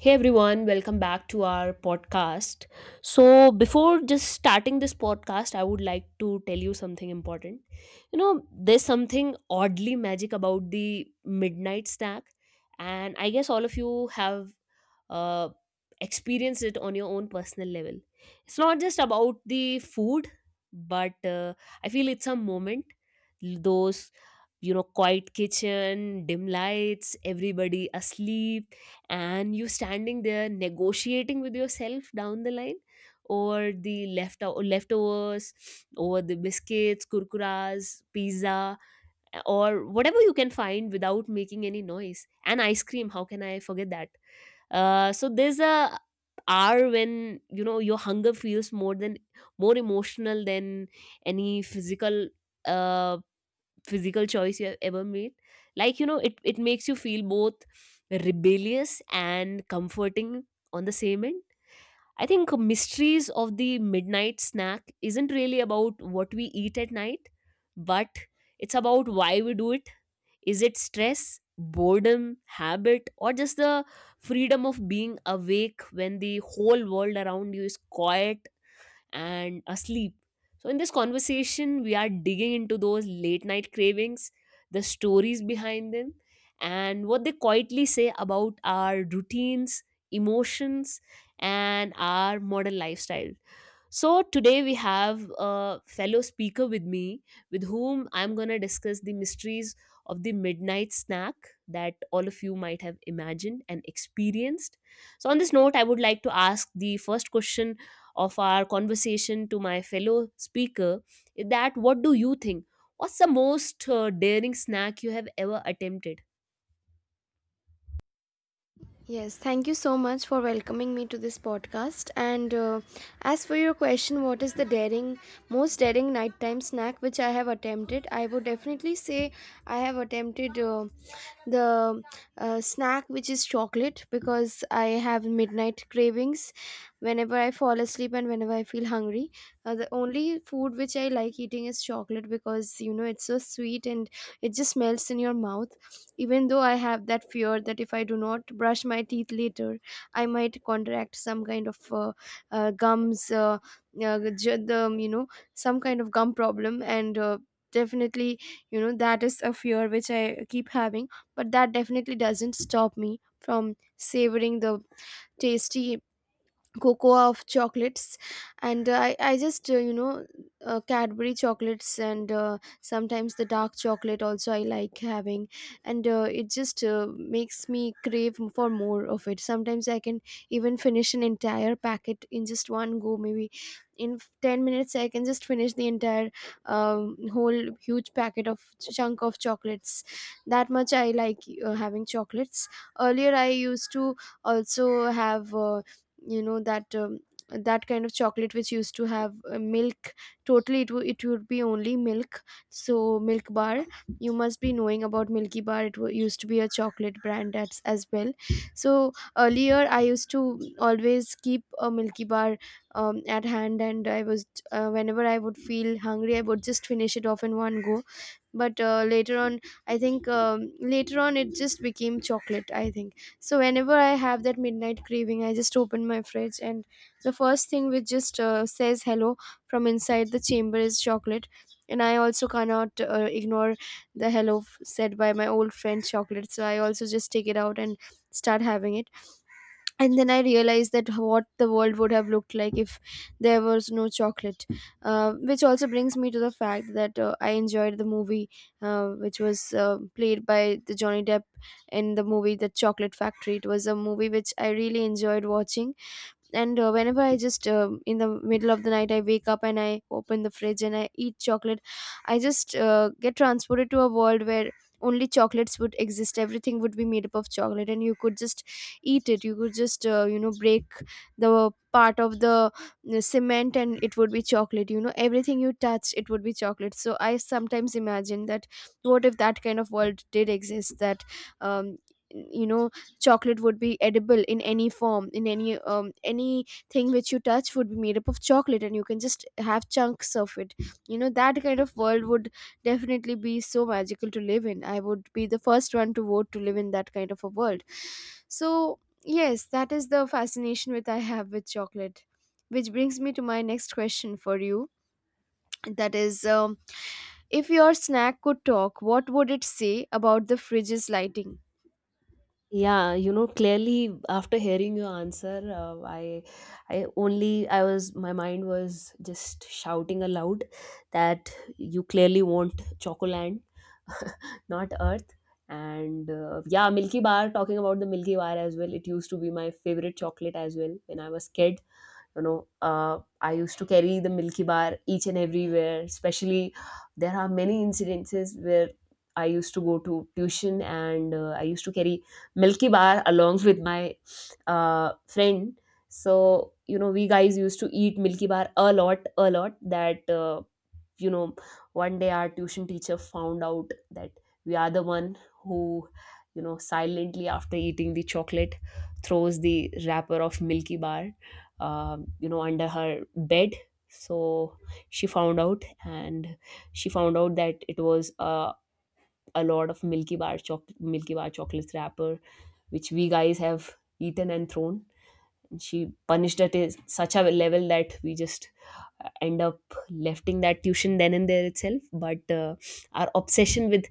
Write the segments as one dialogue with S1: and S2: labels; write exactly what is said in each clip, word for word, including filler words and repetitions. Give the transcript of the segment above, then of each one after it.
S1: Hey everyone, welcome back to our podcast. So, before just starting this podcast, I would like to tell you something important. You know, there's something oddly magic about the midnight snack, and I guess all of you have uh, experienced it on your own personal level. It's not just about the food, but uh, I feel it's a moment. Those, you know, quiet kitchen, dim lights, everybody asleep, and you standing there negotiating with yourself down the line or the left leftovers or the biscuits kurkuras pizza or whatever you can find without making any noise, and ice cream, how can I forget that? Uh, so there's a hour when you know your hunger feels more than more emotional than any physical uh, physical choice you have ever made. Like, you know, it it makes you feel both rebellious and comforting on the same end. I think mysteries of the midnight snack isn't really about what we eat at night, but it's about why we do it. Is it stress, boredom, habit, or just the freedom of being awake when the whole world around you is quiet and asleep. So, in this conversation, we are digging into those late night cravings, the stories behind them, and what they quietly say about our routines, emotions, and our modern lifestyle. So today we have a fellow speaker with me with whom I'm going to discuss the mysteries of the midnight snack that all of you might have imagined and experienced. So on this note I would like to ask the first question of our conversation to my fellow speaker, is that what do you think, what's the most uh, daring snack you have ever attempted?
S2: Yes, thank you so much for welcoming me to this podcast. And uh, As for your question, what is the daring, most daring nighttime snack which I have attempted? I would definitely say I have attempted uh, the uh, snack which is chocolate because I have midnight cravings whenever I fall asleep and whenever I feel hungry. Uh, the only food which I like eating is chocolate because you know it's so sweet and it just melts in your mouth even though I have that fear that if I do not brush my teeth later, I might contract some kind of uh, uh, gums, uh, uh, j- the, um, you know, some kind of gum problem. And uh, definitely, you know, That is a fear which I keep having, but that definitely doesn't stop me from savoring the tasty cocoa of chocolates, and uh, i i just uh, you know uh, Cadbury chocolates, and uh, sometimes the dark chocolate also I like having, and uh, it just uh, makes me crave m- for more of it. Sometimes I can even finish an entire packet in just one go, maybe in f- ten minutes I can just finish the entire um, whole huge packet of chunk of chocolates. That much I like uh, having chocolates. Earlier I used to also have uh, you know that um, that kind of chocolate which used to have uh, milk totally. It, w- it would be only milk, so milk bar. You must be knowing about Milky Bar. It w- used to be a chocolate brand as, as well. So earlier I used to always keep a Milky Bar um, at hand, and I was uh, whenever I would feel hungry I would just finish it off in one go. But uh, later on, I think um, later on it just became chocolate, I think. So whenever I have that midnight craving, I just open my fridge, and the first thing which just uh, says hello from inside the chamber is chocolate. And I also cannot uh, ignore the hello f- said by my old friend chocolate. So I also just take it out and start having it. And then I realized that what the world would have looked like if there was no chocolate. Uh, which also brings me to the fact that uh, I enjoyed the movie uh, which was uh, played by the Johnny Depp in the movie The Chocolate Factory. It was a movie which I really enjoyed watching. And uh, Whenever I just um in the middle of the night I wake up and I open the fridge and I eat chocolate, I just uh, get transported to a world where only chocolates would exist, everything would be made up of chocolate, and you could just eat it. You could just uh, you know break the part of the uh, cement and it would be chocolate. You know, everything you touch it would be chocolate. So I sometimes imagine that what if that kind of world did exist, that um, you know chocolate would be edible in any form, in any um anything which you touch would be made up of chocolate and you can just have chunks of it. You know, that kind of world would definitely be so magical to live in. I would be the first one to vote to live in that kind of a world. So yes, that is the fascination which I have with chocolate, which brings me to my next question for you. That is um, if your snack could talk, what would it say about the fridge's lighting?
S1: Yeah, you know, clearly after hearing your answer, uh, I, I only I was my mind was just shouting aloud that you clearly want Chocoland, not Earth. And uh, yeah, Milky Bar. Talking about the Milky Bar as well, it used to be my favorite chocolate as well when I was kid. You know, uh, I used to carry the Milky Bar each and everywhere, especially there are many incidences where I used to go to tuition and uh, I used to carry Milky Bar along with my uh, friend. So you know we guys used to eat Milky Bar a lot, a lot, that uh, you know, one day our tuition teacher found out that we are the one who, you know, silently after eating the chocolate throws the wrapper of Milky Bar um, you know, under her bed. So she found out, and she found out that it was uh, a lot of milky bar choc milky bar chocolate wrapper which we guys have eaten and thrown. And she punished at a, such a level that we just end up lefting that tuition then and there itself. But uh, our obsession with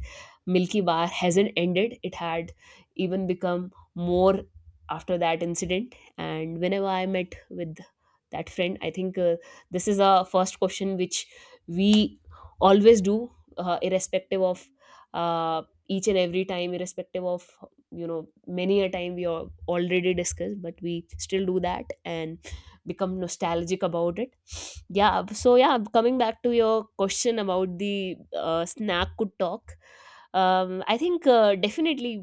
S1: Milky Bar hasn't ended, it had even become more after that incident. And whenever I met with that friend, I think uh, this is a first question which we always do, uh, irrespective of uh, each and every time, irrespective of, you know, many a time we al- already discussed, but we still do that and become nostalgic about it. Yeah, so yeah, coming back to your question about the uh, snack could talk, um, I think uh, definitely,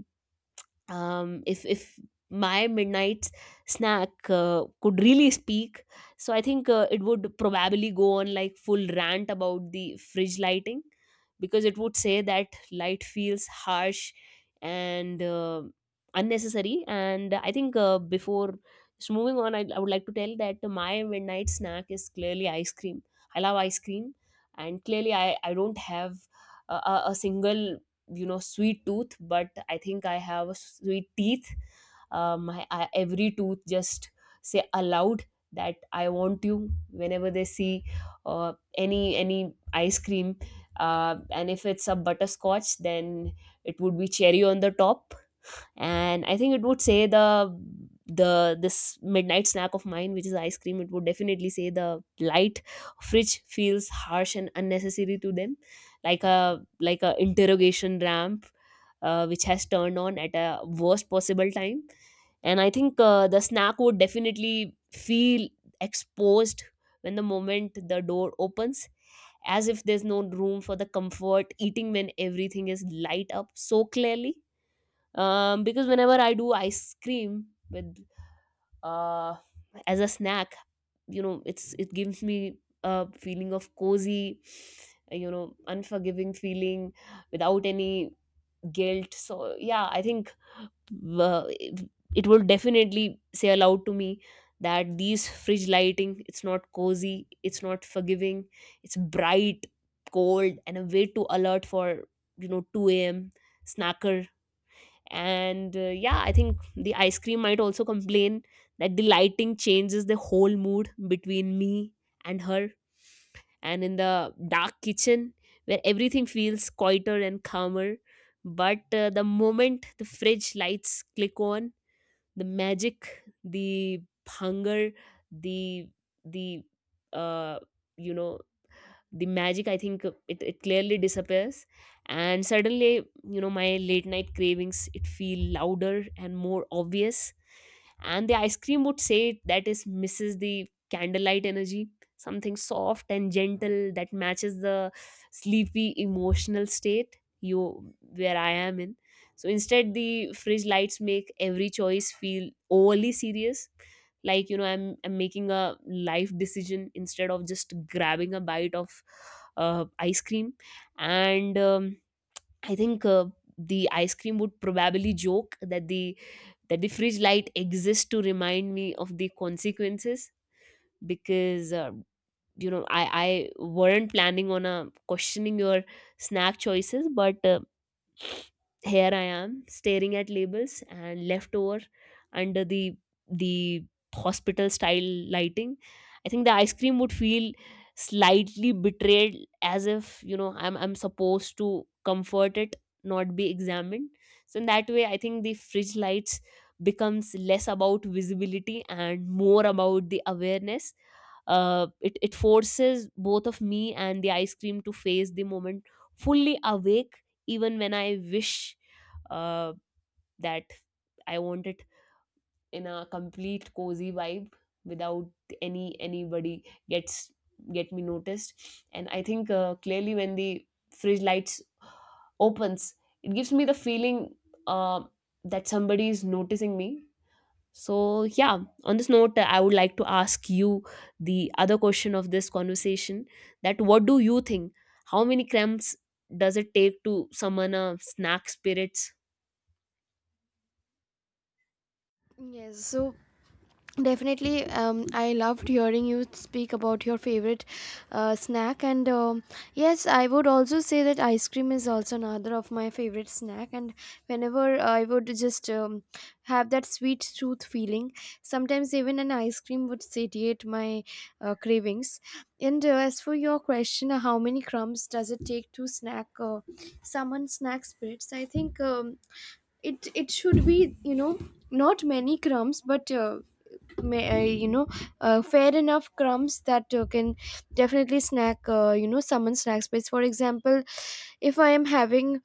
S1: um, if if my midnight snack uh, could really speak, so I think uh, it would probably go on like full rant about the fridge lighting, because it would say that light feels harsh and uh, unnecessary. And I think uh, before, so moving on, I, I would like to tell that my midnight snack is clearly ice cream. I love ice cream, and clearly i, I don't have a, a a single, you know, sweet tooth, but I think I have a sweet teeth. Um, my I, every tooth just say aloud that I want you whenever they see uh, any any ice cream. Uh, and if it's a butterscotch, then it would be cherry on the top. And I think it would say the the this midnight snack of mine, which is ice cream, it would definitely say the light fridge feels harsh and unnecessary to them, like a like a interrogation ramp uh, which has turned on at a worst possible time. And I think uh, the snack would definitely feel exposed when the moment the door opens, as if there's no room for the comfort eating when everything is light up so clearly. Um, because whenever I do ice cream with uh, as a snack, you know, it's it gives me a feeling of cozy, uh, you know, unforgiving feeling without any guilt. So yeah, I think uh, it it will definitely say aloud to me that these fridge lighting, it's not cozy, it's not forgiving, it's bright, cold, and a way too alert for, you know, two a m a.m snacker. And uh, yeah, I think the ice cream might also complain that the lighting changes the whole mood between me and her. And in the dark kitchen where everything feels quieter and calmer, but uh, the moment the fridge lights click on, the magic, the hunger, the the uh, you know, the magic, I think uh, it, it clearly disappears. And suddenly, you know, my late night cravings, it feel louder and more obvious. And the ice cream would say that is misses the candlelight energy, something soft and gentle that matches the sleepy emotional state you where I am in. So instead the fridge lights make every choice feel overly serious, like, you know, i'm i'm making a life decision instead of just grabbing a bite of uh, ice cream. And um, I think uh, the ice cream would probably joke that the that the fridge light exists to remind me of the consequences, because uh, you know, i i weren't planning on uh, questioning your snack choices, but uh, here I am staring at labels and leftover under the the hospital style lighting. I think the ice cream would feel slightly betrayed, as if, you know, I'm I'm supposed to comfort it, not be examined. So in that way I think the fridge lights becomes less about visibility and more about the awareness. Uh, it, it forces both of me and the ice cream to face the moment fully awake, even when I wish uh, that I want it in a complete cozy vibe without any anybody gets get me noticed. And I think uh, clearly when the fridge lights opens, it gives me the feeling uh, that somebody is noticing me. So yeah, on this note, I would like to ask you the other question of this conversation: that what do you think? How many crumbs does it take to summon a snack spirits?
S2: Yes, so definitely, um, I loved hearing you speak about your favorite uh, snack, and um, yes, I would also say that ice cream is also another of my favorite snack. And whenever I would just um, have that sweet tooth feeling, sometimes even an ice cream would satiate my uh, cravings. And uh, As for your question, uh, how many crumbs does it take to snack uh, someone snack spirits? I think um, it it should be, you know, not many crumbs, but uh, may, uh, you know uh, fair enough crumbs that uh, can definitely snack, uh, you know summon snack space. For example, if I am having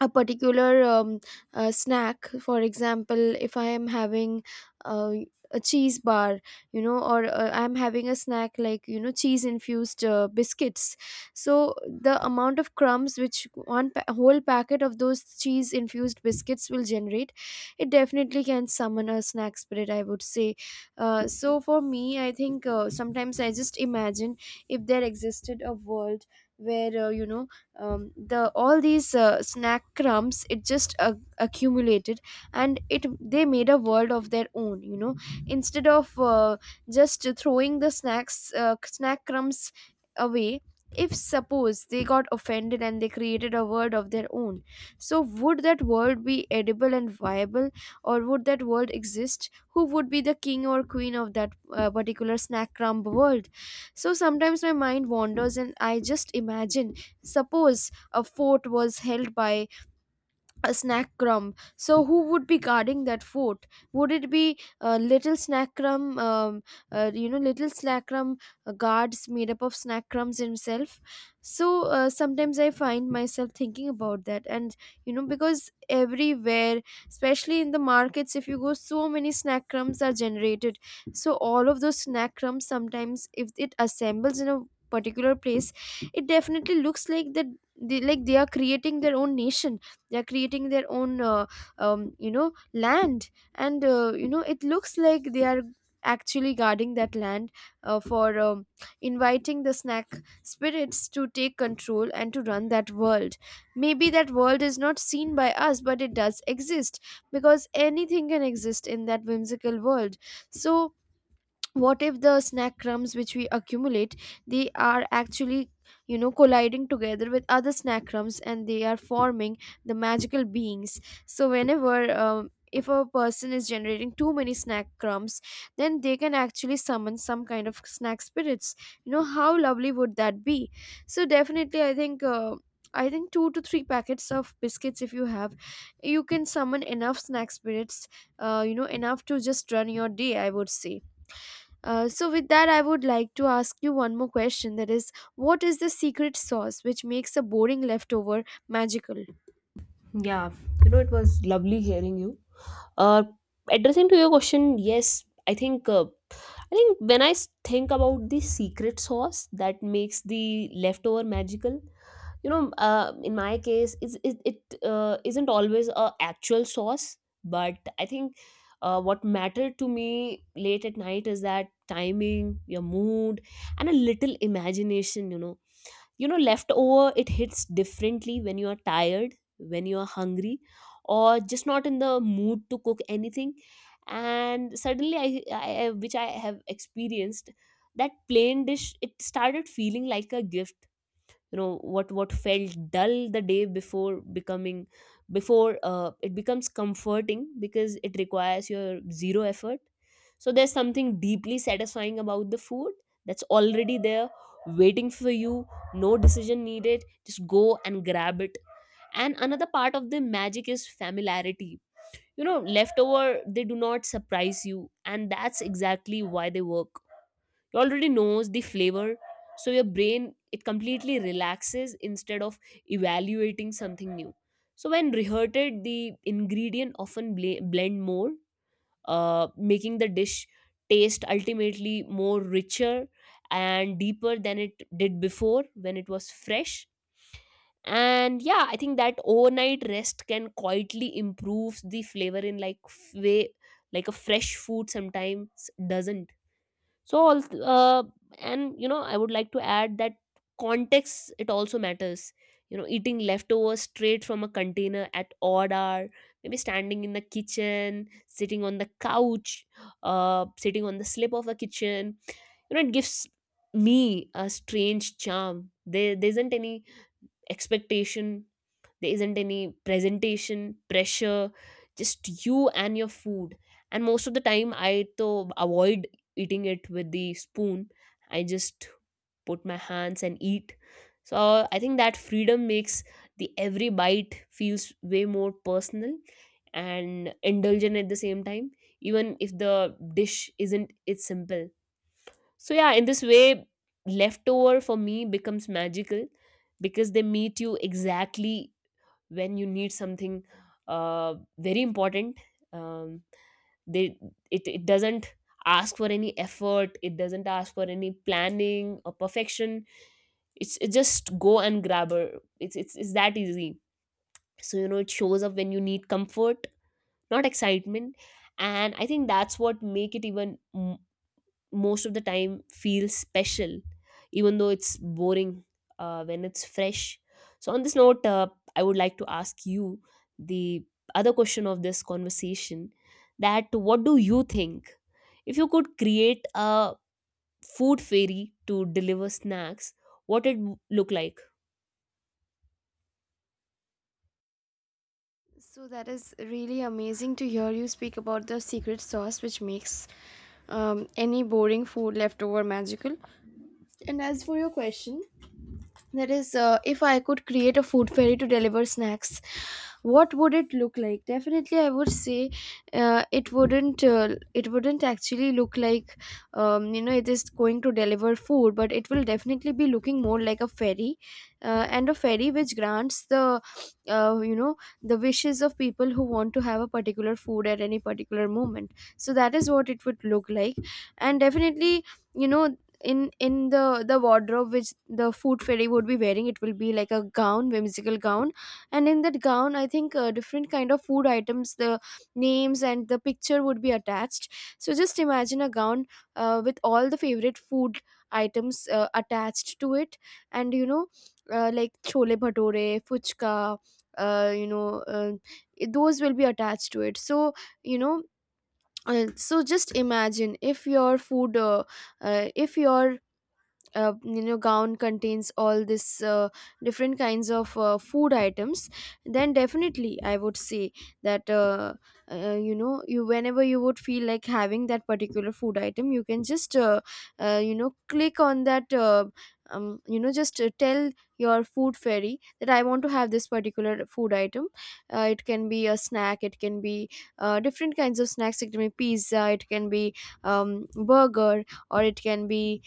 S2: a particular um, uh, snack, for example if I am having uh, a cheese bar, you know, or uh, I'm having a snack like, you know, cheese infused uh, biscuits. So the amount of crumbs which one pa- whole packet of those cheese infused biscuits will generate, it definitely can summon a snack spirit, I would say. Uh, so for me, I think uh, sometimes I just imagine if there existed a world where uh, you know um, the all these uh, snack crumbs, it just uh, accumulated and it they made a world of their own, you know. Instead of uh, just throwing the snacks uh, snack crumbs away, if suppose they got offended and they created a world of their own, so would that world be edible and viable? Or would that world exist? Who would be the king or queen of that uh, particular snack crumb world? So sometimes my mind wanders and I just imagine, suppose a fort was held by a snack crumb. So who would be guarding that fort? Would it be uh, little snack crumb? Um, uh, you know, little snack crumb uh, guards made up of snack crumbs himself. So uh, sometimes I find myself thinking about that, and you know, because everywhere, especially in the markets, if you go, so many snack crumbs are generated. So all of those snack crumbs sometimes, if it assembles in a particular place, it definitely looks like that they, like they are creating their own nation, they're creating their own uh, um, you know land, and uh, you know, it looks like they are actually guarding that land uh, for um, inviting the snack spirits to take control and to run that world. Maybe that world is not seen by us, but it does exist, because anything can exist in that whimsical world. So what if the snack crumbs which we accumulate, they are actually, you know, colliding together with other snack crumbs and they are forming the magical beings? So whenever um, if a person is generating too many snack crumbs, then they can actually summon some kind of snack spirits. You know how lovely would that be. So definitely I think, uh, i think two to three packets of biscuits if you have, you can summon enough snack spirits, uh, you know, enough to just run your day, I would say. Uh, so with that, I would like to ask you one more question, that is, what is the secret sauce which makes a boring leftover magical?
S1: Yeah, you know, it was lovely hearing you. Uh, Addressing to your question, yes, I think uh, I think when I s- think about the secret sauce that makes the leftover magical, you know, uh, in my case, it's, it it uh, isn't always a actual sauce, but I think uh, what mattered to me late at night is that timing, your mood, and a little imagination. You know, you know, leftover it hits differently when you are tired, when you are hungry, or just not in the mood to cook anything. And suddenly i, I I- which I have experienced that plain dish it started feeling like a gift. You know, what what felt dull the day before becoming before uh, it becomes comforting because it requires your zero effort. So there's something deeply satisfying about the food that's already there waiting for you, no decision needed, just go and grab it. And another part of the magic is familiarity. You know, leftover they do not surprise you, and that's exactly why they work. You already knows the flavor, so your brain it completely relaxes instead of evaluating something new. So when reheated the ingredient often bl- blend more, uh, making the dish taste ultimately more richer and deeper than it did before when it was fresh. And yeah I think that overnight rest can quietly improve the flavor in like f- way, like a fresh food sometimes doesn't. So all th- uh, and you know, I would like to add that context it also matters. You know, eating leftovers straight from a container at odd hour, maybe standing in the kitchen, sitting on the couch, uh, sitting on the slip of the kitchen, you know it gives me a strange charm. There, there isn't any expectation, there isn't any presentation pressure, just you and your food. And most of the time I to avoid eating it with the spoon, I just put my hands and eat. So I think that freedom makes the every bite feels way more personal and indulgent at the same time, even if the dish isn't it's simple. So yeah, in this way, leftover for me becomes magical because they meet you exactly when you need something uh, very important. Um, they it it doesn't ask for any effort. It doesn't ask for any planning or perfection. It's it's just go and grab her. It's it's it's that easy. So you know it shows up when you need comfort, not excitement. And I think that's what make it even m- most of the time feels special even though it's boring uh, when it's fresh. So on this note, uh, I would like to ask you the other question of this conversation, that what do you think, if you could create a food fairy to deliver snacks, what it w- look like?
S2: So that is really amazing to hear you speak about the secret sauce which makes um, any boring food leftover magical. And as for your question, that is, uh, if I could create a food fairy to deliver snacks, what would it look like? Definitely, I would say uh, it wouldn't. Uh, it wouldn't actually look like um, you know it is going to deliver food, but it will definitely be looking more like a fairy, uh, and a fairy which grants the uh, you know the wishes of people who want to have a particular food at any particular moment. So that is what it would look like. And definitely, you know, in in the the wardrobe which the food fairy would be wearing, it will be like a gown, whimsical gown. And in that gown I think uh, different kind of food items, the names and the picture would be attached. So just imagine a gown uh, with all the favorite food items uh, attached to it. And you know, uh, like chole bhature, fuchka, uh, you know uh, it- those will be attached to it. So you know, uh, so just imagine if your food uh, uh, if your uh, you know gown contains all this uh, different kinds of uh, food items, then definitely I would say that uh, uh, you know you, whenever you would feel like having that particular food item, you can just uh, uh, you know click on that uh, um, you know just uh, tell your food fairy that I want to have this particular food item. Uh, it can be a snack, it can be uh, different kinds of snacks, it can be pizza, it can be um, burger, or it can be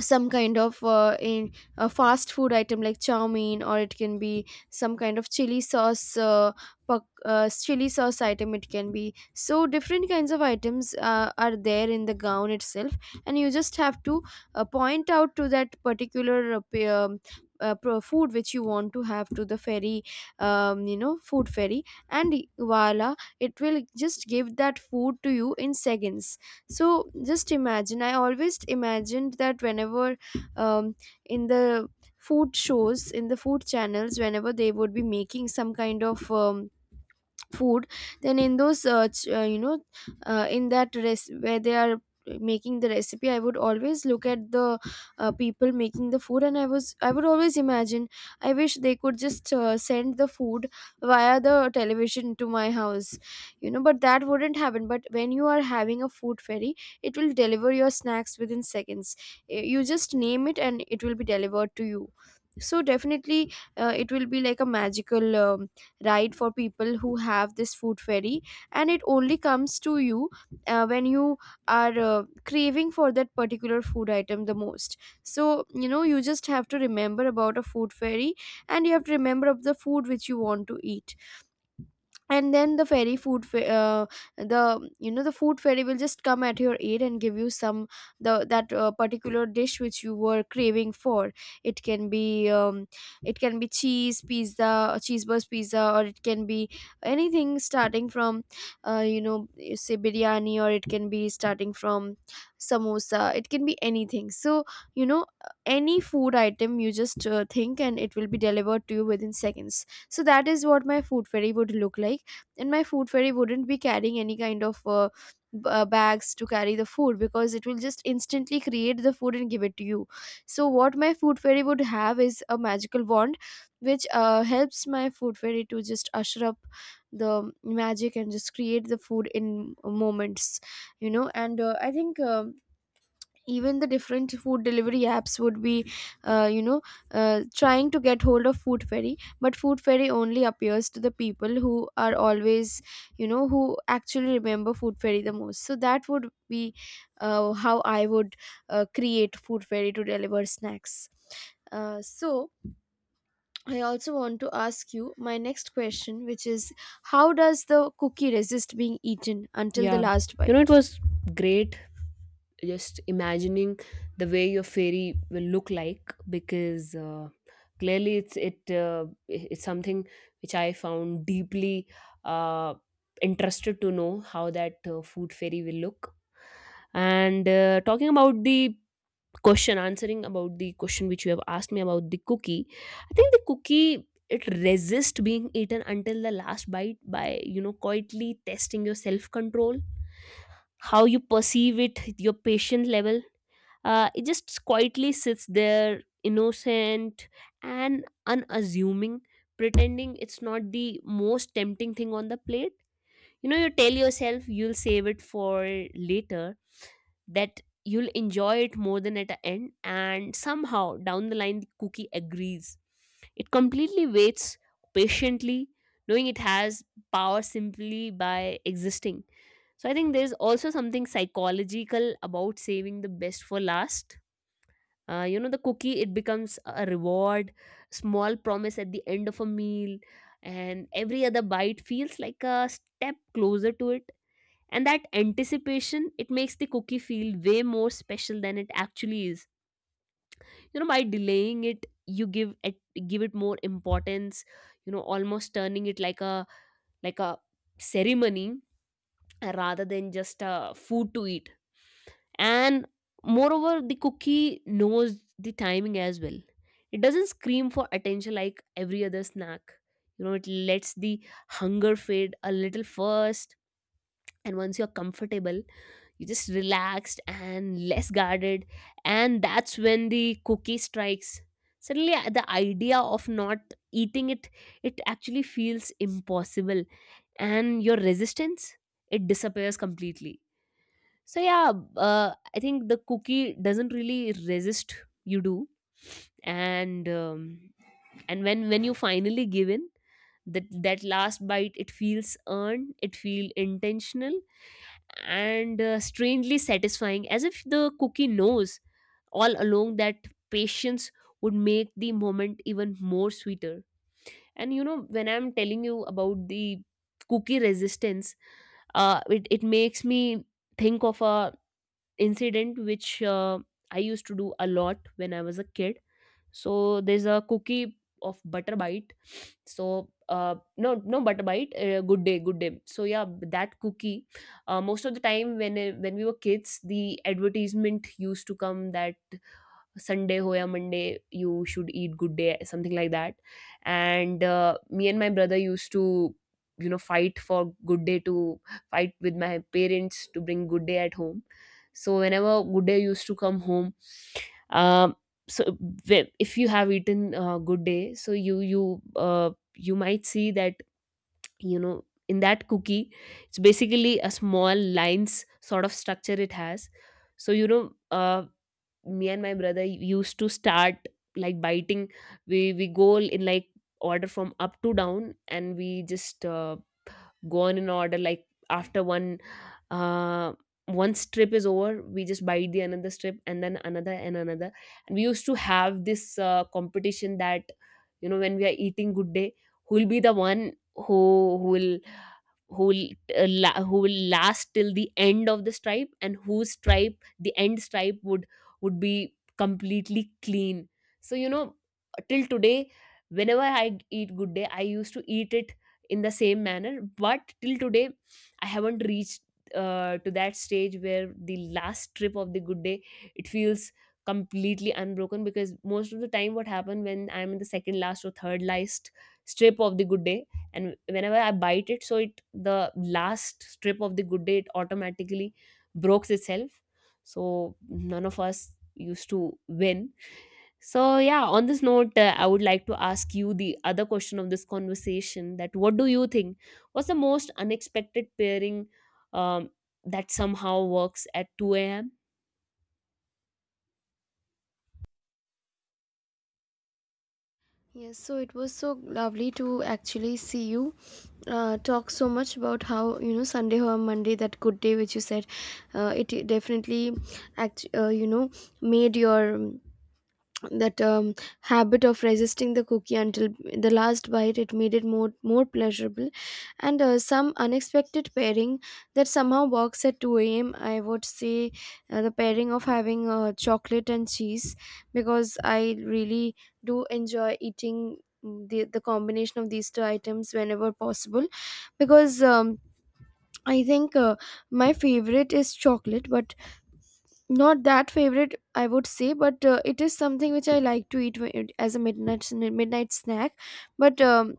S2: some kind of uh, in a fast food item like chow mein, or it can be some kind of chili sauce, uh, pak- uh, chili sauce item, it can be. So different kinds of items uh, are there in the gown itself, and you just have to uh, point out to that particular uh, p- um, uh, pro- food which you want to have to the ferry. Um, you know, food ferry, and voila, it will just give that food to you in seconds. So just imagine, I always imagined that whenever um, in the food shows in the food channels, whenever they would be making some kind of um, food, then in those uh, ch- uh, you know, uh, in that res- where they are making the recipe, I would always look at the uh, people making the food, and i was I would always imagine I wish they could just uh, send the food via the television to my house, you know? But that wouldn't happen. But when you are having a food ferry, it will deliver your snacks within seconds. Y- you just name it and it will be delivered to you. So definitely, uh, it will be like a magical um, ride for people who have this food ferry. And it only comes to you uh, when you are uh, craving for that particular food item the most. So you know, you just have to remember about a food ferry, and you have to remember of the food which you want to eat. And then the ferry food fe- uh, the you know the food ferry will just come at your aid and give you some the that uh, particular dish which you were craving for. It can be um, it can be cheese pizza, cheeseburger pizza, or it can be anything starting from uh, you know, you say biryani, or it can be starting from samosa. It can be anything. So you know, any food item, you just uh, think and it will be delivered to you within seconds. So that is what my food ferry would look like. And my food fairy wouldn't be carrying any kind of uh, b- uh, bags to carry the food, because it will just instantly create the food and give it to you. So what my food fairy would have is a magical wand, which uh, helps my food fairy to just usher up the magic and just create the food in moments, you know? And uh, I think um even the different food delivery apps would be uh, you know, uh, trying to get hold of food fairy. But food fairy only appears to the people who are always, you know, who actually remember food fairy the most. So that would be uh, how I would uh, create food fairy to deliver snacks. Uh, so I also want to ask you my next question, which is, how does the cookie resist being eaten until the
S1: Yeah,
S2: last
S1: you know, it
S2: bite?
S1: was great, just imagining the way your fairy will look like, because uh, clearly it's it uh, it's something which I found deeply uh, interested to know how that uh, food fairy will look. And uh, talking about the question, answering about the question which you have asked me about the cookie, I think the cookie, it resists being eaten until the last bite by, you know, quietly testing your self control, how you perceive it, your patient level. Uh, it just quietly sits there, innocent and unassuming, pretending it's not the most tempting thing on the plate. You know, you tell yourself you'll save it for later, that you'll enjoy it more than at the end, and somehow down the line the cookie agrees. It completely waits patiently, knowing it has power simply by existing. So I think there's also something psychological about saving the best for last. Uh, you know, the cookie, it becomes a reward, small promise at the end of a meal, and every other bite feels like a step closer to it. And that anticipation, it makes the cookie feel way more special than it actually is. You know, by delaying it you give it give it more importance. You know, almost turning it like a like a ceremony uh, rather than just a food to eat. And moreover, the cookie knows the timing as well. It doesn't scream for attention like every other snack. You know, it lets the hunger fade a little first, and once you're comfortable, you're just relaxed and less guarded, and that's when the cookie strikes. Suddenly uh, the idea of not eating it, it actually feels impossible, and your resistance, it disappears completely. So yeah, uh, I think the cookie doesn't really resist. You do, and um, and when when you finally give in, that that last bite, it feels earned, it feel intentional, and uh, strangely satisfying, as if the cookie knows all along that patience would make the moment even more sweeter. And you know, when I'm telling you about the cookie resistance, uh, it, it makes me think of a incident which uh, I used to do a lot when I was a kid. So there's a cookie of butter bite. So uh, no, no butter bite. Uh, good day, good day. So yeah, that cookie. Uh, most of the time when uh, when we were kids, the advertisement used to come that Sunday ho ya Monday, you should eat good day, something like that. And uh, me and my brother used to, you know, fight for good day, to fight with my parents to bring good day at home. So whenever good day used to come home, um, so whe- if you have eaten uh, good day, so you you uh, you might see that, you know, in that cookie, it's basically a small lines sort of structure it has. So you know, uh, me and my brother used to start like biting. We we go in like order from up to down, and we just uh, go on in order, like after one uh, one strip is over we just bite the another strip, and then another, and another. And we used to have this uh, competition that, you know, when we are eating good day, who'll be the one who who will who will uh, la- who will last till the end of the stripe, and whose stripe, the end stripe would would be completely clean. So you know, till today, whenever I g- eat good day, I used to eat it in the same manner, but till today I haven't reached uh, to that stage where the last trip of the good day, it feels completely unbroken, because most of the time what happened, when I'm in the second last or third last strip of the good day, and whenever I bite it, so it, the last strip of the good day, it automatically breaks itself. So none of us used to win. So yeah, on this note, uh, I would like to ask you the other question of this conversation, that what do you think was the most unexpected pairing um, that somehow works at two a m?
S2: Yes, so it was so lovely to actually see you uh, talk so much about how, you know, Sunday or Monday, that good day which you said, uh, it definitely act uh, you know, made your um, that um, habit of resisting the cookie until the last bite. It made it more more pleasurable. And uh, some unexpected pairing that somehow works at two a m a.m, I would say uh, the pairing of having uh, chocolate and cheese, because I really do enjoy eating the, the combination of these two items whenever possible. Because um, I think uh, my favorite is chocolate, but not that favorite, I would say. But uh, it is something which I like to eat whe- as a midnight sn- midnight snack. But um,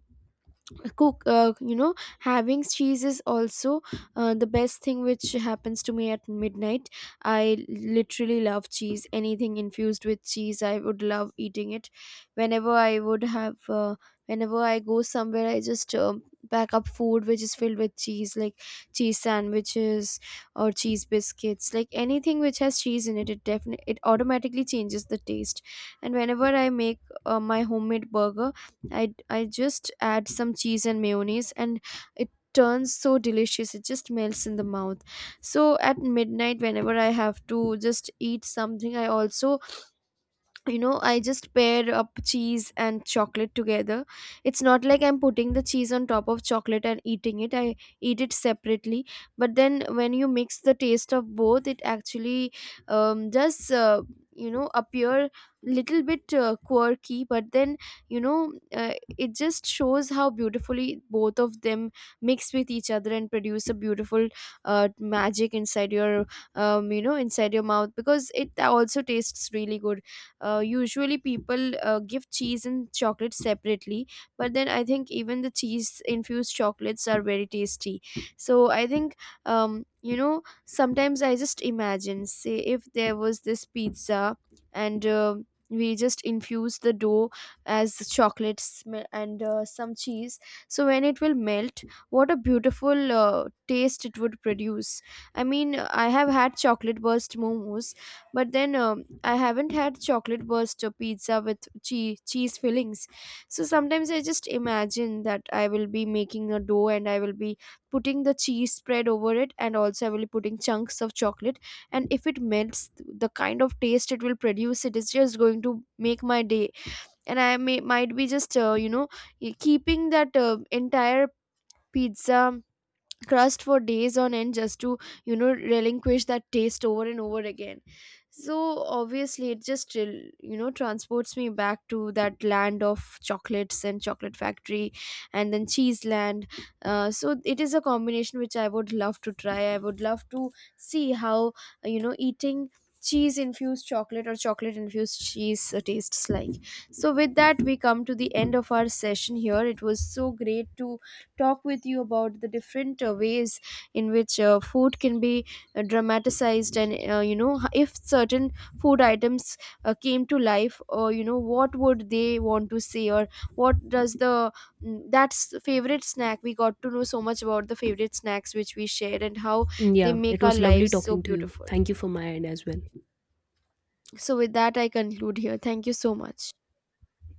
S2: cook uh, you know, having cheese is also uh, the best thing which happens to me at midnight. I literally love cheese. Anything infused with cheese, I would love eating it. whenever i would have uh, Whenever I go somewhere, I just um pack up food which is filled with cheese, like cheese sandwiches or cheese biscuits. Like anything which has cheese in it, it definitely, it automatically changes the taste. And whenever I make uh, my homemade burger, I I just add some cheese and mayonnaise, and it turns so delicious. It just melts in the mouth. So at midnight, whenever I have to just eat something, I also, you know, I just pair up cheese and chocolate together. It's not like I'm putting the cheese on top of chocolate and eating it. I eat it separately. But then when you mix the taste of both, it actually um, does uh, you know, appear little bit uh, quirky. But then, you know, uh, it just shows how beautifully both of them mix with each other and produce a beautiful uh, magic inside your um, you know, inside your mouth, because it also tastes really good. Uh, usually people uh, give cheese and chocolate separately, but then I think even the cheese infused chocolates are very tasty. So I think um, you know, sometimes I just imagine, say if there was this pizza and uh, we just infuse the dough as chocolates me- and uh, some cheese. So when it will melt, what a beautiful uh, taste it would produce. I mean, I have had chocolate burst momos, but then um, I haven't had chocolate burst or pizza with cheese cheese fillings. So sometimes I just imagine that I will be making a dough, and I will be putting the cheese spread over it, and also I will be putting chunks of chocolate. And if it melts, the kind of taste it will produce, it is just going to make my day. And I may might be just uh, you know, keeping that uh, entire pizza crust for days on end, just to, you know, relinquish that taste over and over again. So obviously, it just rel- you know, transports me back to that land of chocolates and chocolate factory, and then cheese land. Uh, so it is a combination which I would love to try. I would love to see how, uh, you know, eating cheese infused chocolate or chocolate infused cheese uh, tastes like. So with that, we come to the end of our session here. It was so great to talk with you about the different uh, ways in which uh, food can be uh, dramatized. And uh, you know, h- if certain food items uh, came to life, or you know, what would they want to say, or what does the mm, that's the favorite snack. We got to know so much about the favorite snacks which we share, and how they
S1: Yeah, it
S2: make our
S1: was lovely
S2: lives so
S1: talking to you.
S2: beautiful.
S1: Thank you for my end as well.
S2: So with that, I conclude here. Thank you so much.